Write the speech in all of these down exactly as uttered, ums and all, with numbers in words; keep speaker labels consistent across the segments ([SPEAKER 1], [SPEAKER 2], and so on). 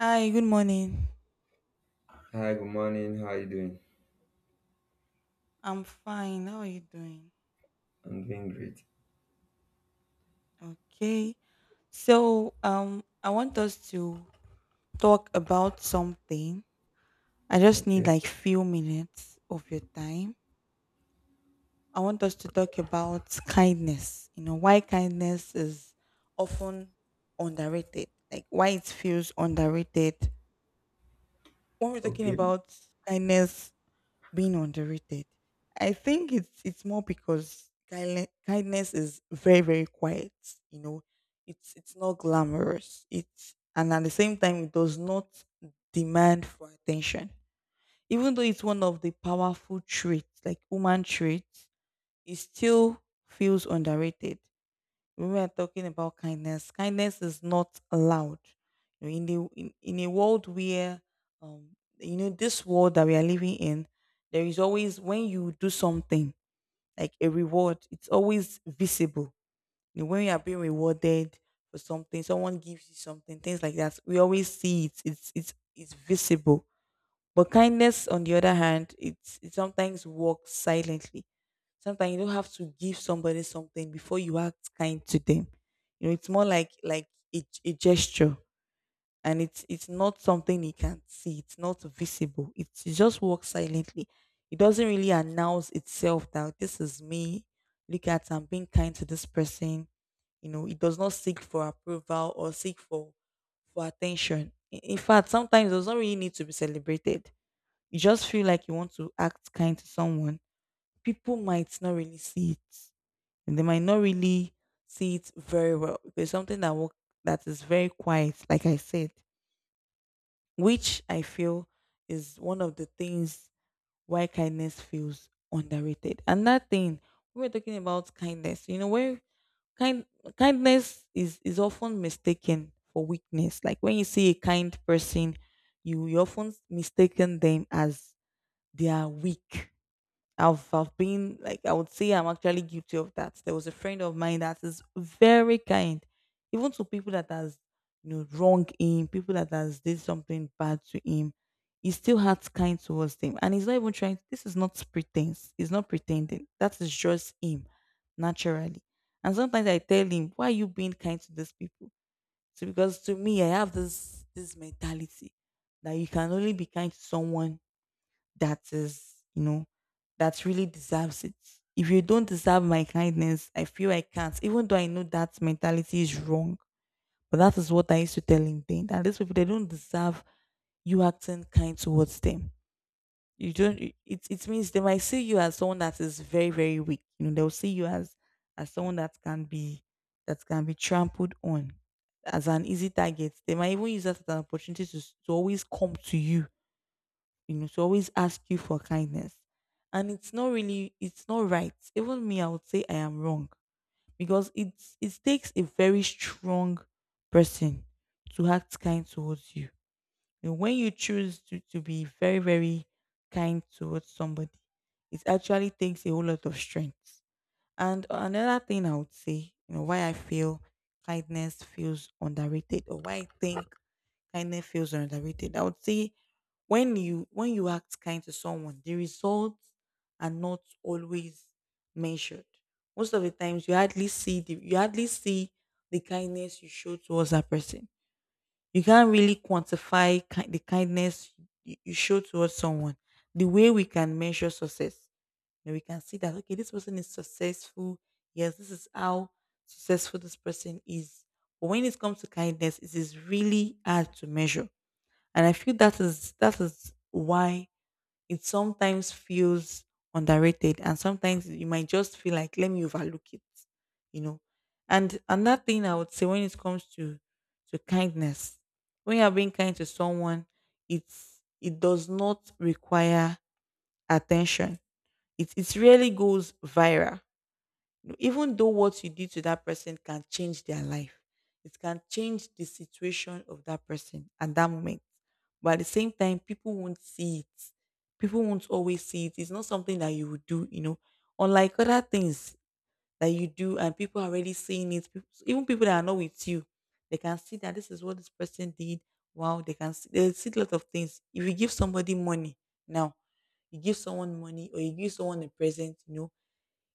[SPEAKER 1] Hi, good morning.
[SPEAKER 2] Hi, good morning. How are you doing?
[SPEAKER 1] I'm fine. How are you doing?
[SPEAKER 2] I'm doing great.
[SPEAKER 1] Okay. So, um, I want us to talk about something. I just need
[SPEAKER 2] Okay,
[SPEAKER 1] like few minutes of your time. I want us to talk about kindness. You know, why kindness is often underrated. Like why it feels underrated. When we're talking
[SPEAKER 2] okay,
[SPEAKER 1] about kindness, being underrated. I think it's it's more because kindle- kindness is very very quiet. You know, it's it's not glamorous. It's And at the same time, it does not demand for attention. Even though it's one of the powerful traits, like human traits, it still feels underrated when we are talking about kindness, kindness is not allowed. You know, in the in, in a world where um you know this world that we are living in, there is always when you do something like a reward, it's always visible. You know, when you are being rewarded for something, someone gives you something, things like that. We always see it. It's it's it's visible. But kindness, on the other hand, it's, it sometimes works silently. Sometimes you don't have to give somebody something before you act kind to them. You know, it's more like like a, a gesture, and it's it's not something you can see. It's not visible. It's, it just works silently. It doesn't really announce itself that this is me. Look at I'm being kind to this person. You know, it does not seek for approval or seek for for attention. In in fact, sometimes it does not really need to be celebrated you just feel like you want to act kind to someone, people might not really see it. And they might not really see it very well. There's something that work that is very quiet, like I said, which I feel is one of the things why kindness feels underrated. And that thing, we were talking about kindness. You know, where kind kindness is is often mistaken for weakness. Like when you see a kind person, you you often mistaken them as they are weak. I've I've been like I would say I'm actually guilty of that. There was a friend of mine that is very kind, even to people that has you know wronged him, people that has did something bad to him. He still acts kind towards them, and he's not even trying. This is not pretense. He's not pretending. That is just him, naturally. And sometimes I tell him, "Why are you being kind to these people?" So because to me, I have this this mentality that you can only be kind to someone that is, you know, that really deserves it. If you don't deserve my kindness, I feel I can't, even though I know that mentality is wrong. But that is what I used to tell him then that these people they don't deserve you acting kind towards them. You don't it, it means they might see you as someone that is very, very weak. You know, they'll see you as as someone that can be that can be trampled on as an easy target. They might even use that as an opportunity to, s- to always come to you, you know, to always ask you for kindness. And it's not really, it's not right. Even me, I would say I am wrong because it's it takes a very strong person to act kind towards you. And when you choose to, to be very, very kind towards somebody, it actually takes a whole lot of strength. And another thing I would say, you know, why I feel kindness feels underrated or why I think kindness feels underrated. I would say when you when you act kind to someone the results are not always measured. Most of the times you hardly see the you hardly see the kindness you show towards that person. You can't really quantify ki- the kindness you, you show towards someone the way we can measure success and we can see that okay this person is successful. Yes, this is how successful this person is, but when it comes to kindness it is really hard to measure. And I feel that is that is why it sometimes feels underrated, and sometimes you might just feel like let me overlook it, you know. And another thing I would say, when it comes to to kindness, when you're being kind to someone, it's it does not require attention. It, it really goes viral. No, even though what you did to that person can change their life, it can change the situation of that person at that moment. But at the same time people won't see it, people won't always see it. It's not something that you would do, you know, unlike other things that you do and people are already seeing it. Peop- even people that are not with you, they can see that this is what this person did. Wow, they can see they see a lot of things. If you give somebody money now, you give someone money or you give someone a present, you know,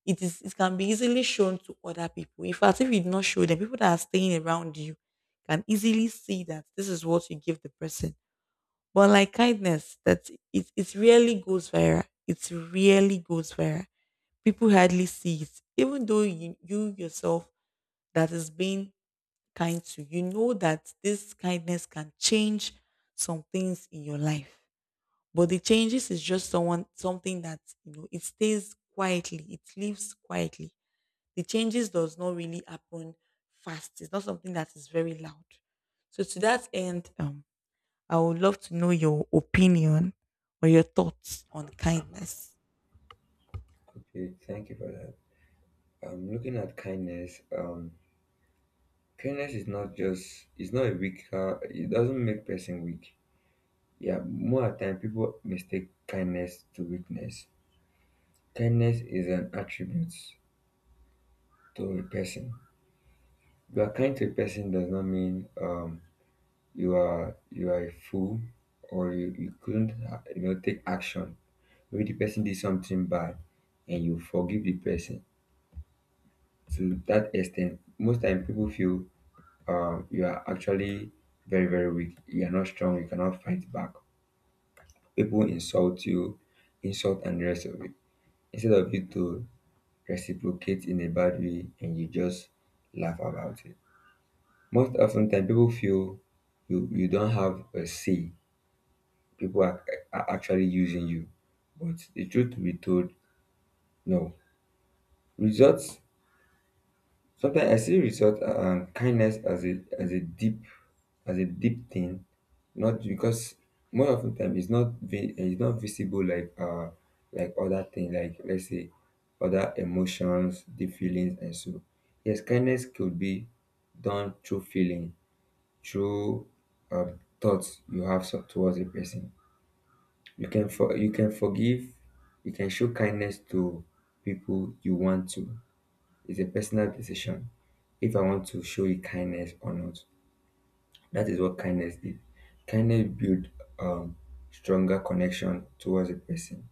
[SPEAKER 1] it is it can be easily shown to other people. In fact, if you do not show them, people that are staying around you can easily see that this is what you give the person. But like kindness, that it, it really goes viral. It really goes viral. People hardly see it. Even though you, you yourself that is being kind to, you know that this kindness can change some things in your life. But the changes is just someone something that you know, it stays quietly, it lives quietly. The changes does not really happen fast. It's not something that is very loud. So to that end, um, I would love to know your opinion or your thoughts on kindness.
[SPEAKER 2] okay. Thank you for that. I'm looking at kindness. Um, kindness is not just it's not a weaker. It doesn't make person weak. Yeah, more at time people mistake kindness to weakness. Kindness is an attribute to a person. You are kind to a person does not mean um you are you are a fool, or you, you couldn't uh, you know take action. Maybe the person did something bad and you forgive the person. To that extent, most time people feel um you are actually very very weak, you are not strong, you cannot fight back, people insult you, insult and the rest of it. Instead of you to reciprocate in a bad way and you just laugh about it, most often time people feel you you don't have a say, people are, are actually using you. But the truth to be told, no results. Sometimes I see result um kindness as a as a deep as a deep thing, not because, more often time, it's not vi- it's not visible, like uh like other things, like let's say other emotions, the feelings and so. Yes, kindness could be done through feeling, through um, thoughts you have so- towards a person. You can for you can forgive, you can show kindness to people you want to. It's a personal decision if I want to show you kindness or not. That is what kindness did. Kindness build um stronger connection towards a person.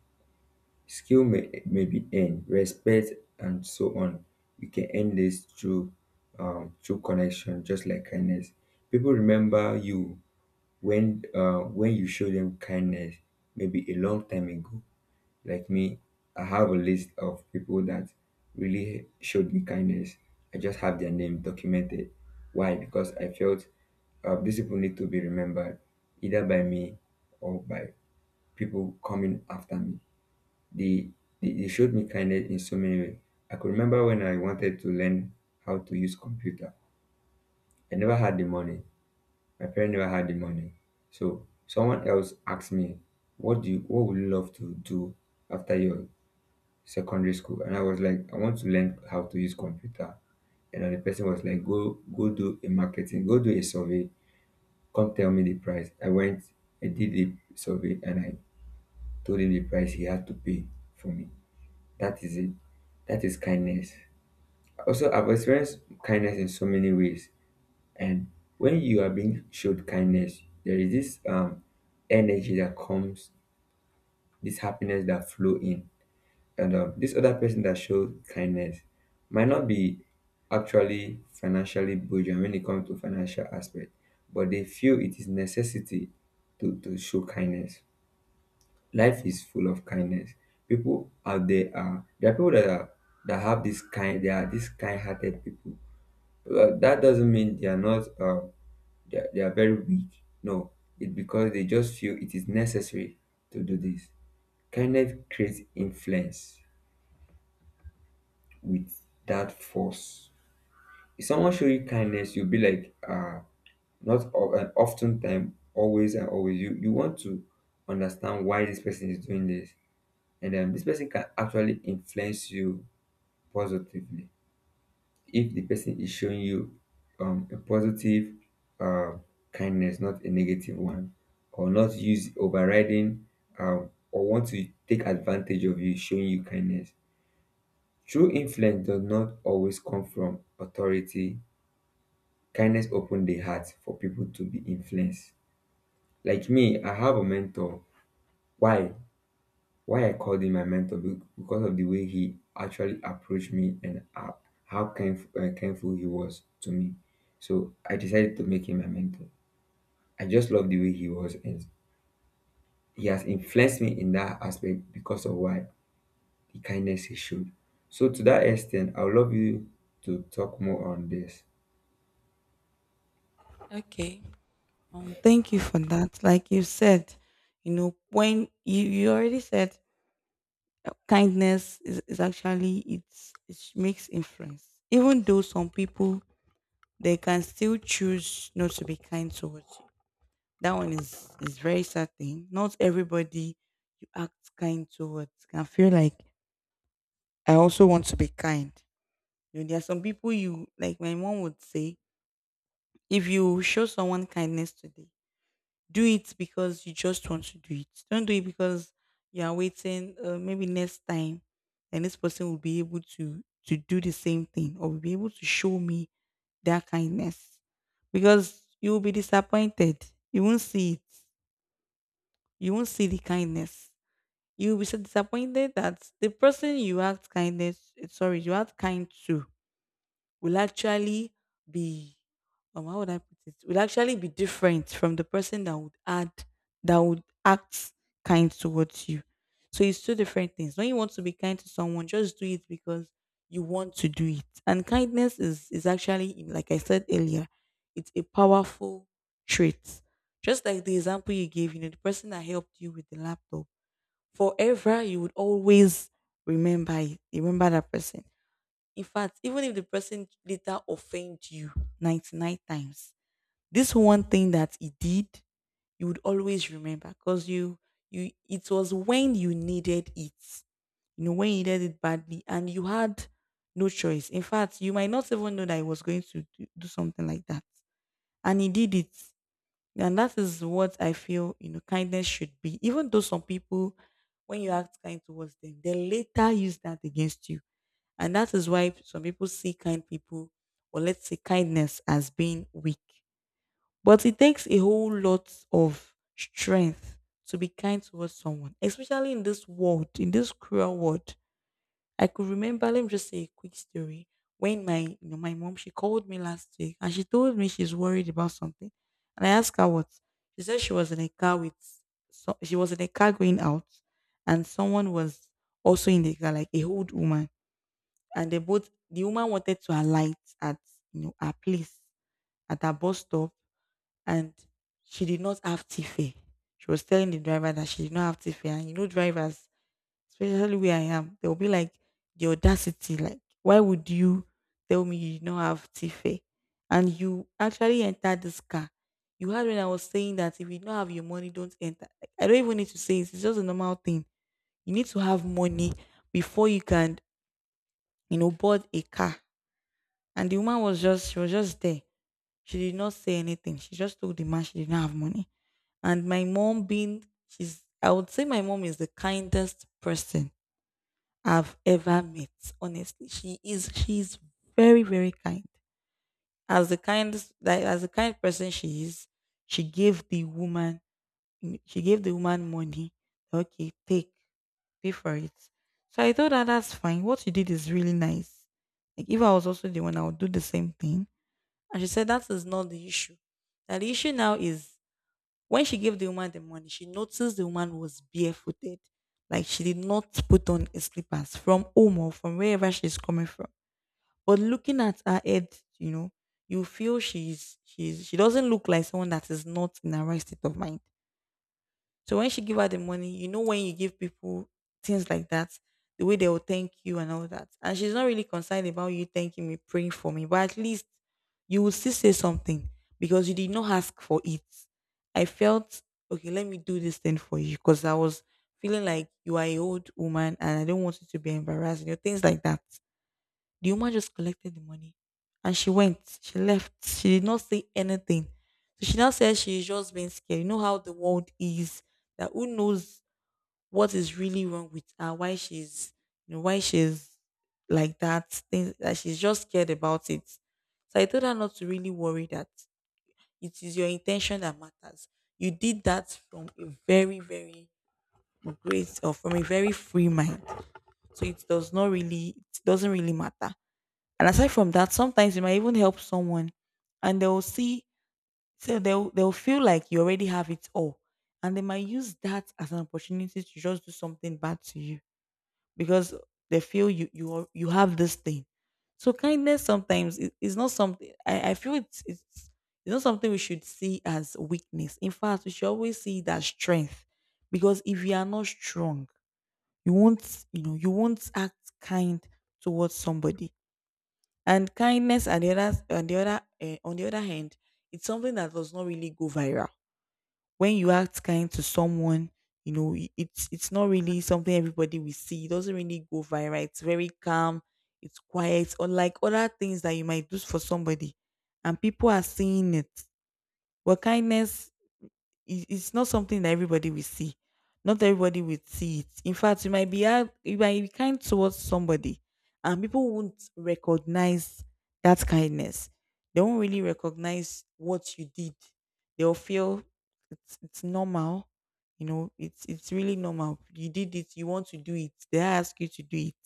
[SPEAKER 2] Skill may, may be earned, respect and so on. We can earn this through um through connection, just like kindness. People remember you when uh when you show them kindness, maybe a long time ago. Like me, I have a list of people that really showed me kindness. I just have their name documented. Why? Because I felt uh, these people need to be remembered either by me or by people coming after me. They, they, they showed me kindness in so many ways. I could remember when I wanted to learn how to use computer. I never had the money. My parents never had the money. So someone else asked me, what do you, what would you love to do after your secondary school? And I was like, I want to learn how to use computer. And then the person was like, go go do a marketing, go do a survey, come tell me the price. I went, I did the survey, and I told him the price he had to pay for me. That is it. That is kindness. Also, I've experienced kindness in so many ways. And when you are being showed kindness, there is this um energy that comes, this happiness that flow in. And um, this other person that showed kindness might not be actually financially burdened when it comes to financial aspect, but they feel it is necessity to, to show kindness. Life is full of kindness. People out there are There are people that are that have this kind, they are these kind-hearted people. Uh, that doesn't mean they are not uh, they, are, they are very weak. No, it's because they just feel it is necessary to do this. Kindness creates influence with that force. If someone show you kindness, you'll be like, ah, not o- uh, often time, always and always. You you want to understand why this person is doing this, and um, this person can actually influence you positively if the person is showing you um, a positive uh, kindness, not a negative one, or not use overriding um, or want to take advantage of you showing you kindness. True influence does not always come from authority. Kindness opened the heart for people to be influenced. Like me, I have a mentor. Why? Why I called him my mentor? Be- because of the way he actually approached me and how how kind, uh, kindful he was to me. So I decided to make him my mentor. I just love the way he was, and he has influenced me in that aspect because of why the kindness he showed. So to that extent, I would love you to talk more on this.
[SPEAKER 1] Okay. Um, thank you for that. Like you said, you know, when you, you already said uh, kindness is, is actually it's it makes influence. Even though some people they can still choose not to be kind towards. That one is is very certain. Not everybody you act kind towards can feel like I also want to be kind. You know, there are some people you like. My mom would say, if you show someone kindness today, do it because you just want to do it. Don't do it because you are waiting. Uh, maybe next time, and this person will be able to to do the same thing or will be able to show me their kindness, because you will be disappointed. You won't see it. You won't see the kindness. You'll be so disappointed that the person you act kindness, eh, sorry, you act kind to, will actually be, um, how would I put it? Will actually be different from the person that would add, that would act kind towards you. So it's two different things. When you want to be kind to someone, just do it because you want to do it. And kindness is is actually, like I said earlier, it's a powerful trait. Just like the example you gave, you know, the person that helped you with the laptop, forever you would always remember it, remember that person. In fact, even if the person later offend you ninety-nine times, this one thing that he did, you would always remember because you you it was when you needed it. You know, when you needed it badly and you had no choice. In fact, you might not even know that he was going to do do something like that. And he did it. And that is what I feel, you know, kindness should be. Even though some people, when you act kind towards them, they later use that against you. And that is why some people see kind people, or let's say kindness, as being weak. But it takes a whole lot of strength to be kind towards someone, especially in this world, in this cruel world. I could remember, let me just say a quick story. When my you know, my mom, she called me last week and she told me she's worried about something. And I asked her what. She said she was in a car with so she was in a car going out, and someone was also in the car, like a old woman. And they both the woman wanted to alight at, you know her place, at her bus stop, and she did not have tiffy. She was telling the driver that she did not have tiffy. And you know drivers, especially where I am. They'll be like, the audacity, like, why would you tell me you don't have Tife? And you actually entered this car. You heard when I was saying that if you don't have your money, don't enter. Like, I don't even need to say it. It's just a normal thing. You need to have money before you can, you know, board a car. And the woman was just, she was just there. She did not say anything. She just told the man she did not have money. And my mom being, she's, I would say my mom is the kindest person I've ever met. Honestly, she is she is very very kind. As the kind like as the kind person she is, she gave the woman she gave the woman money. Okay, take pay for it. So I thought that that's fine. What you did is really nice. Like if I was also the one, I would do the same thing. And she said that is not the issue. That the issue now is when she gave the woman the money, she noticed the woman was barefooted. Like she did not put on a slippers from home or from wherever she's coming from. But looking at her head, you know, you feel she's she's she doesn't look like someone that is not in the right state of mind. So when she give her the money, you know when you give people things like that, the way they will thank you and all that. And she's not really concerned about you thanking me, praying for me, but at least you will still say something because you did not ask for it. I felt okay, let me do this thing for you because I was feeling like you are a old woman and I don't want you to be embarrassed, you know, things like that. The woman just collected the money and she went. She left. She did not say anything. So she now says she's just being scared. You know how the world is. That who knows what is really wrong with her, why she's you know, why she's like that, things that she's just scared about it. So I told her not to really worry that it is your intention that matters. You did that from a very, very great or from a very free mind. So it does not really it doesn't really matter. And aside from that, sometimes you might even help someone and they'll see, so they'll they'll feel like you already have it all. And they might use that as an opportunity to just do something bad to you because they feel you you are, you have this thing. So kindness sometimes i- is not something I, I feel it's, it's it's not something we should see as weakness. In fact, we should always see it as strength. Because if you are not strong, you won't, you know, you won't act kind towards somebody. And kindness, and the other on the other eh, on the other hand, it's something that does not really go viral. When you act kind to someone, you know, i- it's it's not really something everybody will see. It doesn't really go viral. It's very calm, it's quiet, unlike other things that you might do for somebody. And people are seeing it. But kindness, it- it's not something that everybody will see. Not everybody will see it. In fact, you might be hard- you might be kind towards somebody, and people won't recognize that kindness. They won't really recognize what you did. They'll feel it's it's normal. You know, it's it's really normal. You did it. You want to do it. They ask you to do it,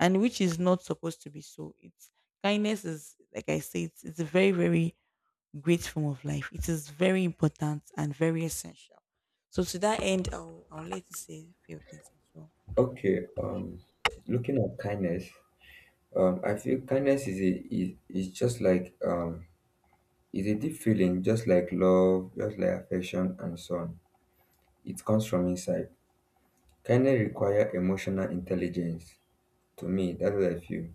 [SPEAKER 1] and which is not supposed to be so. It's kindness is like I say, it's, it's a very very great form of life. It is very important and very essential. So to that end, I'll, I'll let you say a few things as well.
[SPEAKER 2] Okay, um, looking at kindness. Um, I feel kindness is a is, is just like, um is a deep feeling, just like love, just like affection and so on. It comes from inside. Kindness require emotional intelligence. To me, that's what I feel.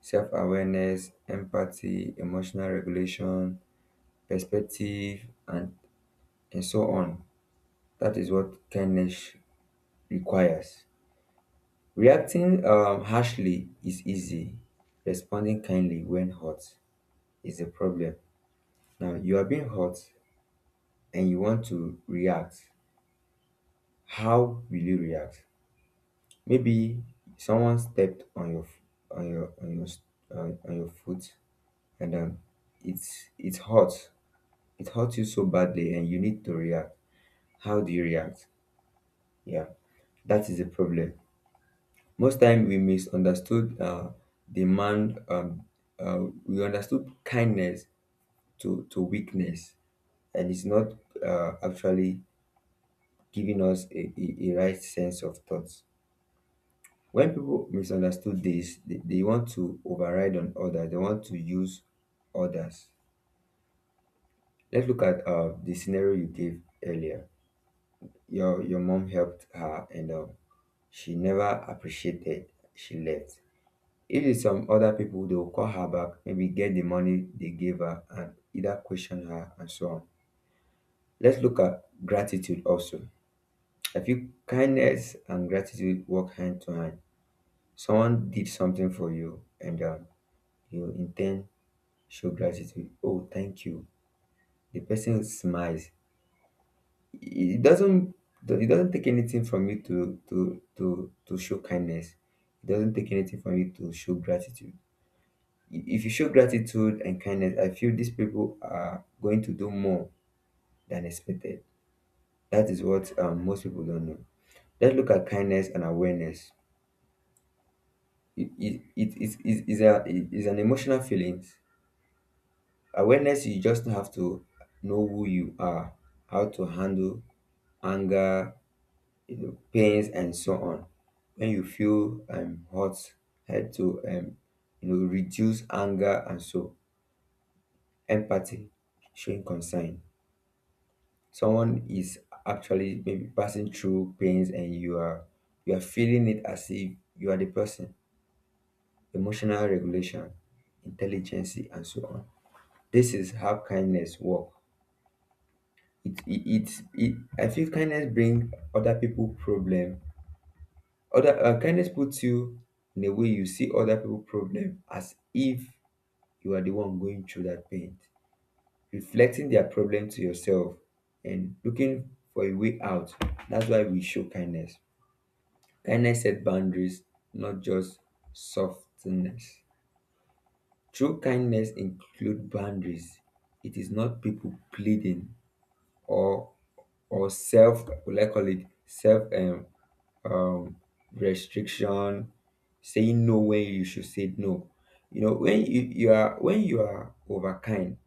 [SPEAKER 2] Self-awareness, empathy, emotional regulation, perspective, and and so on. That is what kindness requires. Reacting um, harshly is easy. Responding kindly when hurt is a problem. Now you are being hurt and you want to react, how will you react? Maybe someone stepped on your f- on your on your s- on, on your foot, and um it's it hurts. It hurts you so badly and you need to react. How do you react? Yeah. That is a problem. Most time we misunderstood uh, demand. Um, uh, we understood kindness to to weakness, and it's not uh, actually giving us a, a, a right sense of thought. When people misunderstood this, they, they want to override on others, they want to use others. Let's look at uh, the scenario you gave earlier. Your your mom helped her, and um, she never appreciated, she left. If it's some other people, they will call her back, maybe get the money they gave her and either question her and so on. Let's look at gratitude also. I feel kindness and gratitude work hand to hand. Someone did something for you, and um, you intend show gratitude. Oh, thank you. The person smiles. It doesn't it doesn't take anything from you to to to to show kindness. It doesn't take anything from you to show gratitude. If you show gratitude and kindness, I feel these people are going to do more than expected. That is what um, most people don't know. Let's look at kindness and awareness. It, it, it, it, it, is a, it is an emotional feeling. Awareness, you just have to know who you are, how to handle anger, you know, pains and so on. When you feel um hot, head to um you know reduce anger and so, empathy, showing concern. Someone is actually maybe passing through pains, and you are you are feeling it as if you are the person. Emotional regulation, intelligence and so on. This is how kindness work. it it, it, it I feel kindness bring other people problem. Other uh, Kindness puts you in a way you see other people problem as if you are the one going through that pain, reflecting their problem to yourself and looking for a way out. That's why we show kindness. Kindness set boundaries, not just softness. True kindness include boundaries. It is not people pleading, or or self will, I call it self um, um restriction, saying no when you should say no. You know, when you, you are when you are overkind,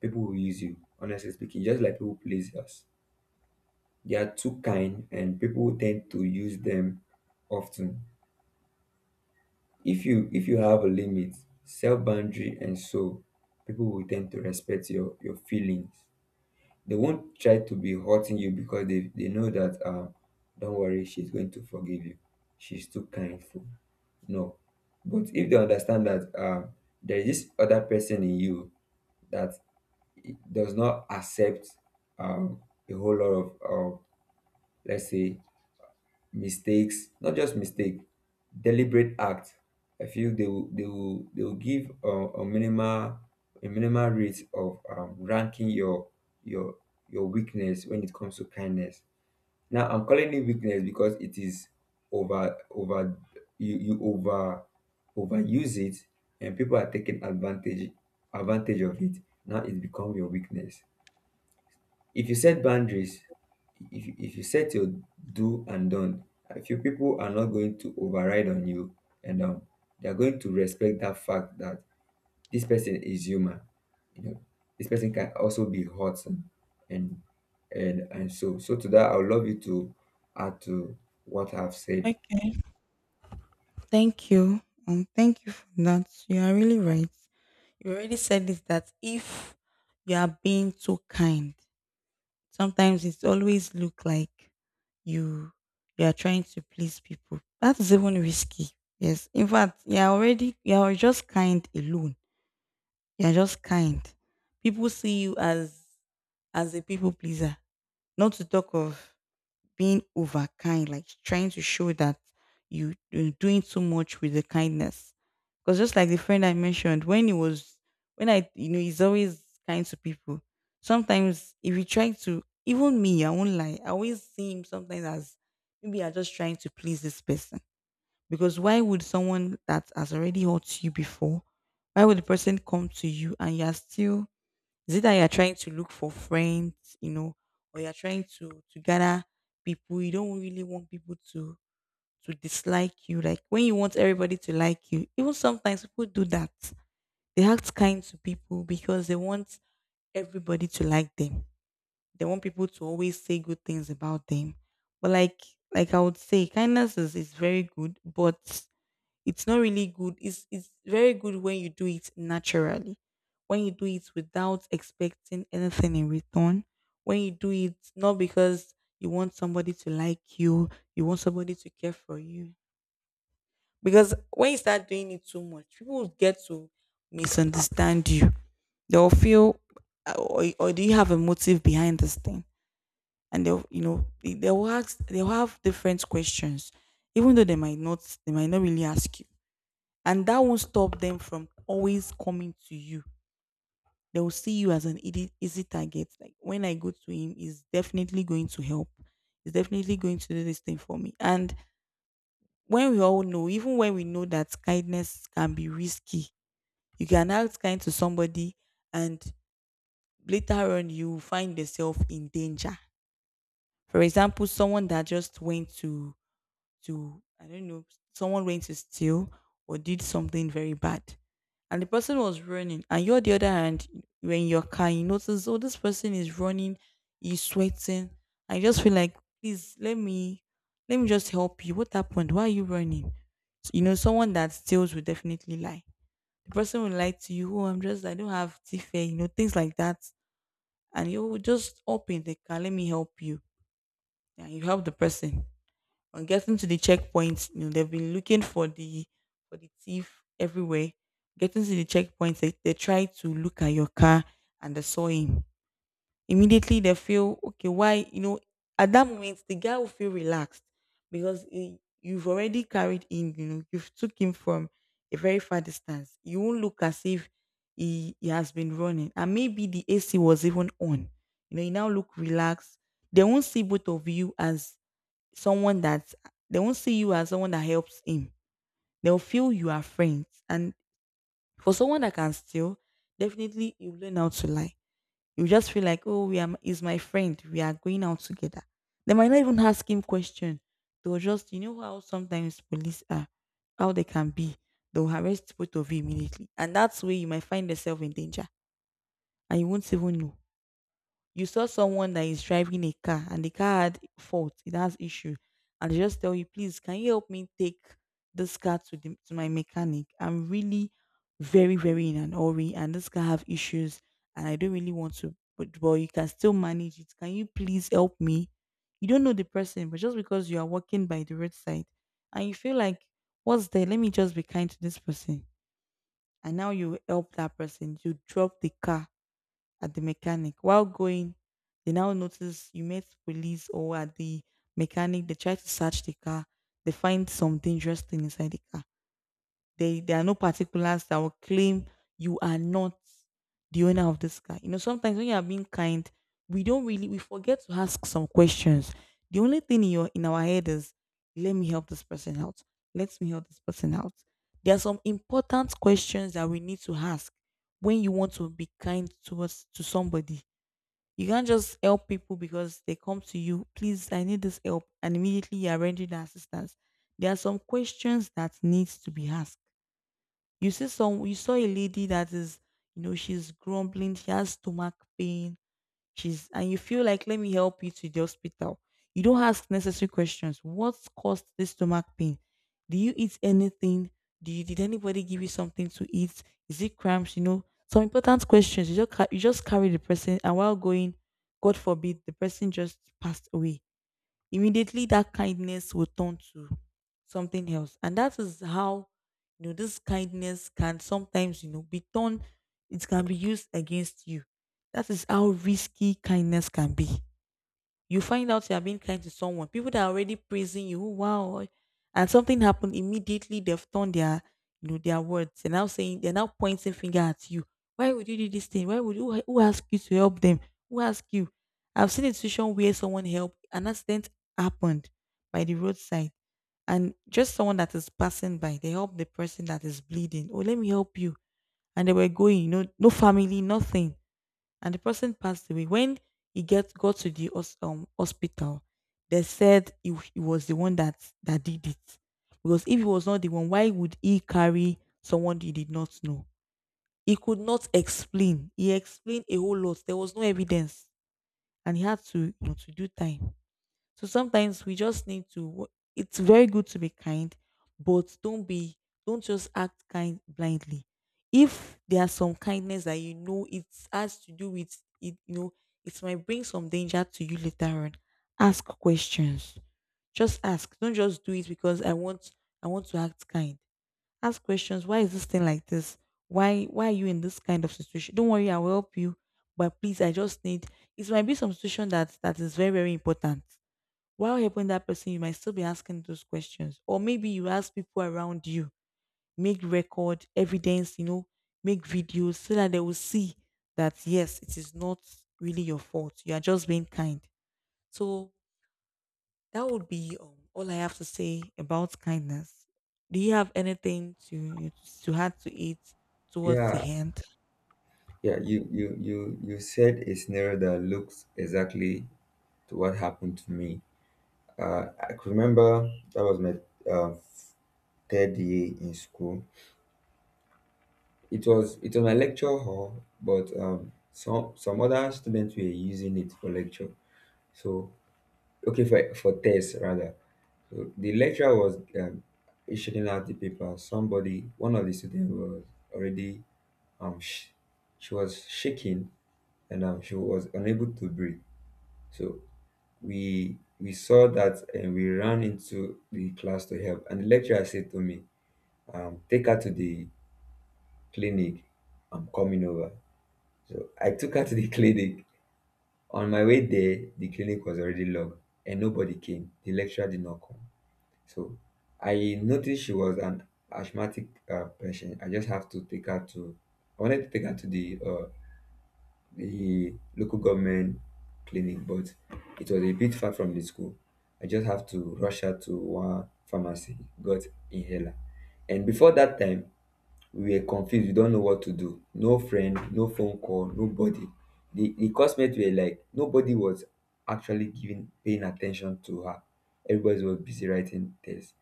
[SPEAKER 2] people will use you, honestly speaking, just like people please us. They are too kind and people tend to use them often. If you if you have a limit, self boundary and so, people will tend to respect your, your feelings. They won't try to be hurting you because they, they know that, um don't worry, she's going to forgive you, she's too kind, for no. But if they understand that um there is this other person in you that i- does not accept um a whole lot of of let's say mistakes, not just mistake, deliberate act. I feel they will they will they will give a a minimal a minimal rate of um, ranking your your your weakness when it comes to kindness. Now I'm calling it weakness because it is over over you you over overuse it, and people are taking advantage advantage of it. Now it becomes your weakness. If you set boundaries, if you, if you set your do and done, a few people are not going to override on you, and um, they are going to respect that fact that this person is human. You know, this person can also be hurt, and and and and so so to that, I would love you to add to what I've said.
[SPEAKER 1] Okay. Thank you. Um, thank you for that. You are really right. You already said this that if you are being too kind, sometimes it always look like you you are trying to please people. That is even risky. Yes. In fact, you are already you are just kind alone. You are just kind. People see you as as a people pleaser. Not to talk of being overkind, like trying to show that you, you're doing too much with the kindness. Because just like the friend I mentioned, when he was, when I, you know, he's always kind to people. Sometimes if you try to, even me, I won't lie, I always see him sometimes as maybe I'm just trying to please this person. Because why would someone that has already hurt you before, why would the person come to you and you're still is it that you're trying to look for friends, you know, or you're trying to to gather people? You don't really want people to to dislike you. Like when you want everybody to like you, even sometimes people do that. They act kind to people because they want everybody to like them. They want people to always say good things about them. But like like I would say, kindness is, is very good, but it's not really good. It's it's very good when you do it naturally, when you do it without expecting anything in return, when you do it not because you want somebody to like you, you want somebody to care for you. Because when you start doing it too much, people will get to misunderstand you. They'll feel, "Uh, or, or do you have a motive behind this thing?" And they'll, you know, they- they'll ask, they'll have different questions, even though they might not, they might not really ask you, and that won't stop them from always coming to you. They will see you as an easy, easy target. Like when I go to him, he's definitely going to help. He's definitely going to do this thing for me. And when we all know, even when we know that kindness can be risky, you can act kind to somebody, and later on you find yourself in danger. For example, someone that just went to to I don't know, someone went to steal or did something very bad, and the person was running, and you're the other hand you're in your car, you notice oh this person is running, he's sweating. I just feel like please let me let me just help you. What happened? Why are you running? So, you know someone that steals will definitely lie. The person will lie to you. Oh, I'm just I don't have teeth, eh," you know things like that, and you will just open the car. Let me help you. And you help the person on getting to the checkpoint, you know, they've been looking for the for the thief everywhere. Getting to the checkpoint, they, they try to look at your car and they saw him. Immediately they feel okay, why you know at that moment the guy will feel relaxed because he, you've already carried him, you know, you've took him from a very far distance. You won't look as if he, he has been running. And maybe the A C was even on. You know, you now look relaxed. They won't see both of you as someone that they won't see you as someone that helps him. They'll feel you are friends. And for someone that can steal, definitely you learn how to lie. You just feel like, oh, we are is my friend. We are going out together. They might not even ask him question. They'll just, you know how sometimes police are, how they can be. They'll arrest both of you immediately. And that's where you might find yourself in danger. And you won't even know. You saw someone that is driving a car and the car had fault, it has issue, and they just tell you, please, can you help me take this car to the to my mechanic? I'm really very, very in an hurry and this car have issues and I don't really want to, but but you can still manage it. Can you please help me? You don't know the person, but just because you are walking by the roadside and you feel like, what's there? Let me just be kind to this person. And now you help that person. You drop the car at the mechanic. While going, they now notice you met police or at the mechanic. They try to search the car. They find some dangerous thing inside the car. They, there are no particulars that will claim you are not the owner of this car. You know, sometimes when you are being kind, we don't really we forget to ask some questions. The only thing in your in our head is, let me help this person out. Let me help this person out. There are some important questions that we need to ask when you want to be kind towards to somebody. You can't just help people because they come to you, please, I need this help, and immediately you are rendering assistance. There are some questions that needs to be asked. You see some you saw a lady that is, you know, she's grumbling, she has stomach pain, she's and you feel like let me help you to the hospital. You don't ask necessary questions. What caused this stomach pain? Do you eat anything? Do you did anybody give you something to eat? Is it cramps? You know, some important questions. You just ca- you just carry the person and while going, God forbid, the person just passed away. Immediately that kindness will turn to something else, and that is how you know this kindness can sometimes you know be turned, it can be used against you. That is how risky kindness can be. You find out you are being kind to someone, people that are already praising you, "Oh, wow," and something happened immediately. They've turned their, you know, their words. They're now saying they're now pointing finger at you. Why would you do this thing? Why would you? Who asked you to help them? Who asked you? I've seen a situation where someone helped. An accident happened by the roadside, and just someone that is passing by, they help the person that is bleeding. Oh, let me help you. And they were going, you know, no family, nothing, and the person passed away. When he get got to the hos- um, hospital, they said he, he was the one that that did it. Because if he was not the one, why would he carry someone he did not know? He could not explain. He explained a whole lot. There was no evidence, and he had to you know, to do time. So sometimes we just need to. It's very good to be kind, but don't be. Don't just act kind blindly. If there are some kindness that you know it has to do with it, you know it might bring some danger to you later on. Ask questions. Just ask. Don't just do it because I want. I want to act kind. Ask questions. Why is this thing like this? Why Why are you in this kind of situation? Don't worry, I will help you. But please, I just need. It might be some situation that that is very very important while helping that person, you might still be asking those questions. Or maybe you ask people around you, make record, evidence, you know, make videos so that they will see that yes, it is not really your fault. You are just being kind. So that would be um, all I have to say about kindness. Do you have anything to to add to it towards
[SPEAKER 2] Yeah,
[SPEAKER 1] the end?
[SPEAKER 2] yeah, you you you you said a scenario that looks exactly to what happened to me. Uh, I could remember that was my uh, third year in school. It was it was my lecture hall, but um some some other students were using it for lecture. So, okay, for for tests rather. So the lecturer was um, issuing out the paper. Somebody, one of the students was already um sh- she was shaking, and um she was unable to breathe. So we we saw that and we ran into the class to help. And the lecturer said to me, um, take her to the clinic. I'm coming over. So I took her to the clinic. On my way there, the clinic was already locked and nobody came. The lecturer did not come. So I noticed she was an asthmatic uh, patient. I just have to take her to, I wanted to take her to the, uh, the local government clinic, but it was a bit far from the school. I just have to rush her to one pharmacy, got inhaler. And before that time, we were confused, we don't know what to do, no friend, no phone call, nobody. The the classmates were like, nobody was actually giving paying attention to her, everybody was busy writing tests.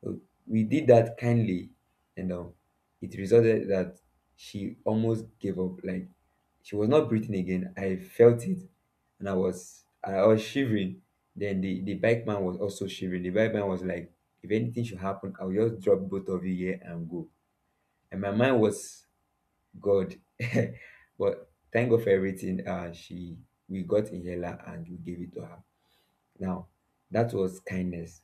[SPEAKER 2] So we did that kindly, and um it resulted that she almost gave up, like she was not breathing again. I felt it, and i was i was shivering. Then the the bike man was also shivering. The bike man was like, if anything should happen, I'll just drop both of you here and go. And my mind was, God. But thank God for everything. Uh, she We got inhaler and we gave it to her. Now that was kindness.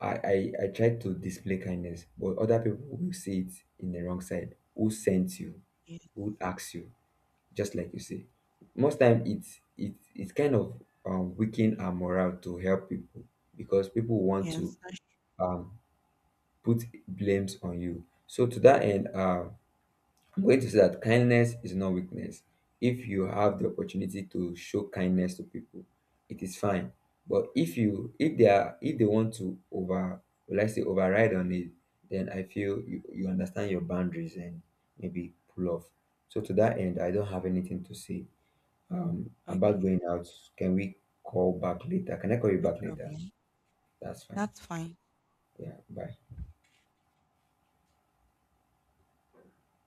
[SPEAKER 2] I, I I tried to display kindness, but other people will see it in the wrong side. Who sent you?
[SPEAKER 1] Ye-
[SPEAKER 2] Who asks you? Just like you say, most time it's it it's kind of um weaken our morale to help people because people want to
[SPEAKER 1] Yes. That's-
[SPEAKER 2] um put blames on you. So to that end, um I'm going to say that kindness is not weakness. If you have the opportunity to show kindness to people, it is fine. But if you if they are if they want to over will I say override on it, then I feel you, you understand your boundaries and maybe pull off. So to that end, I don't have anything to say. Um about
[SPEAKER 1] Okay.
[SPEAKER 2] going out, can we call back later? Can I call you
[SPEAKER 1] No
[SPEAKER 2] back later?
[SPEAKER 1] problem.
[SPEAKER 2] That's fine.
[SPEAKER 1] That's fine.
[SPEAKER 2] Yeah, bye.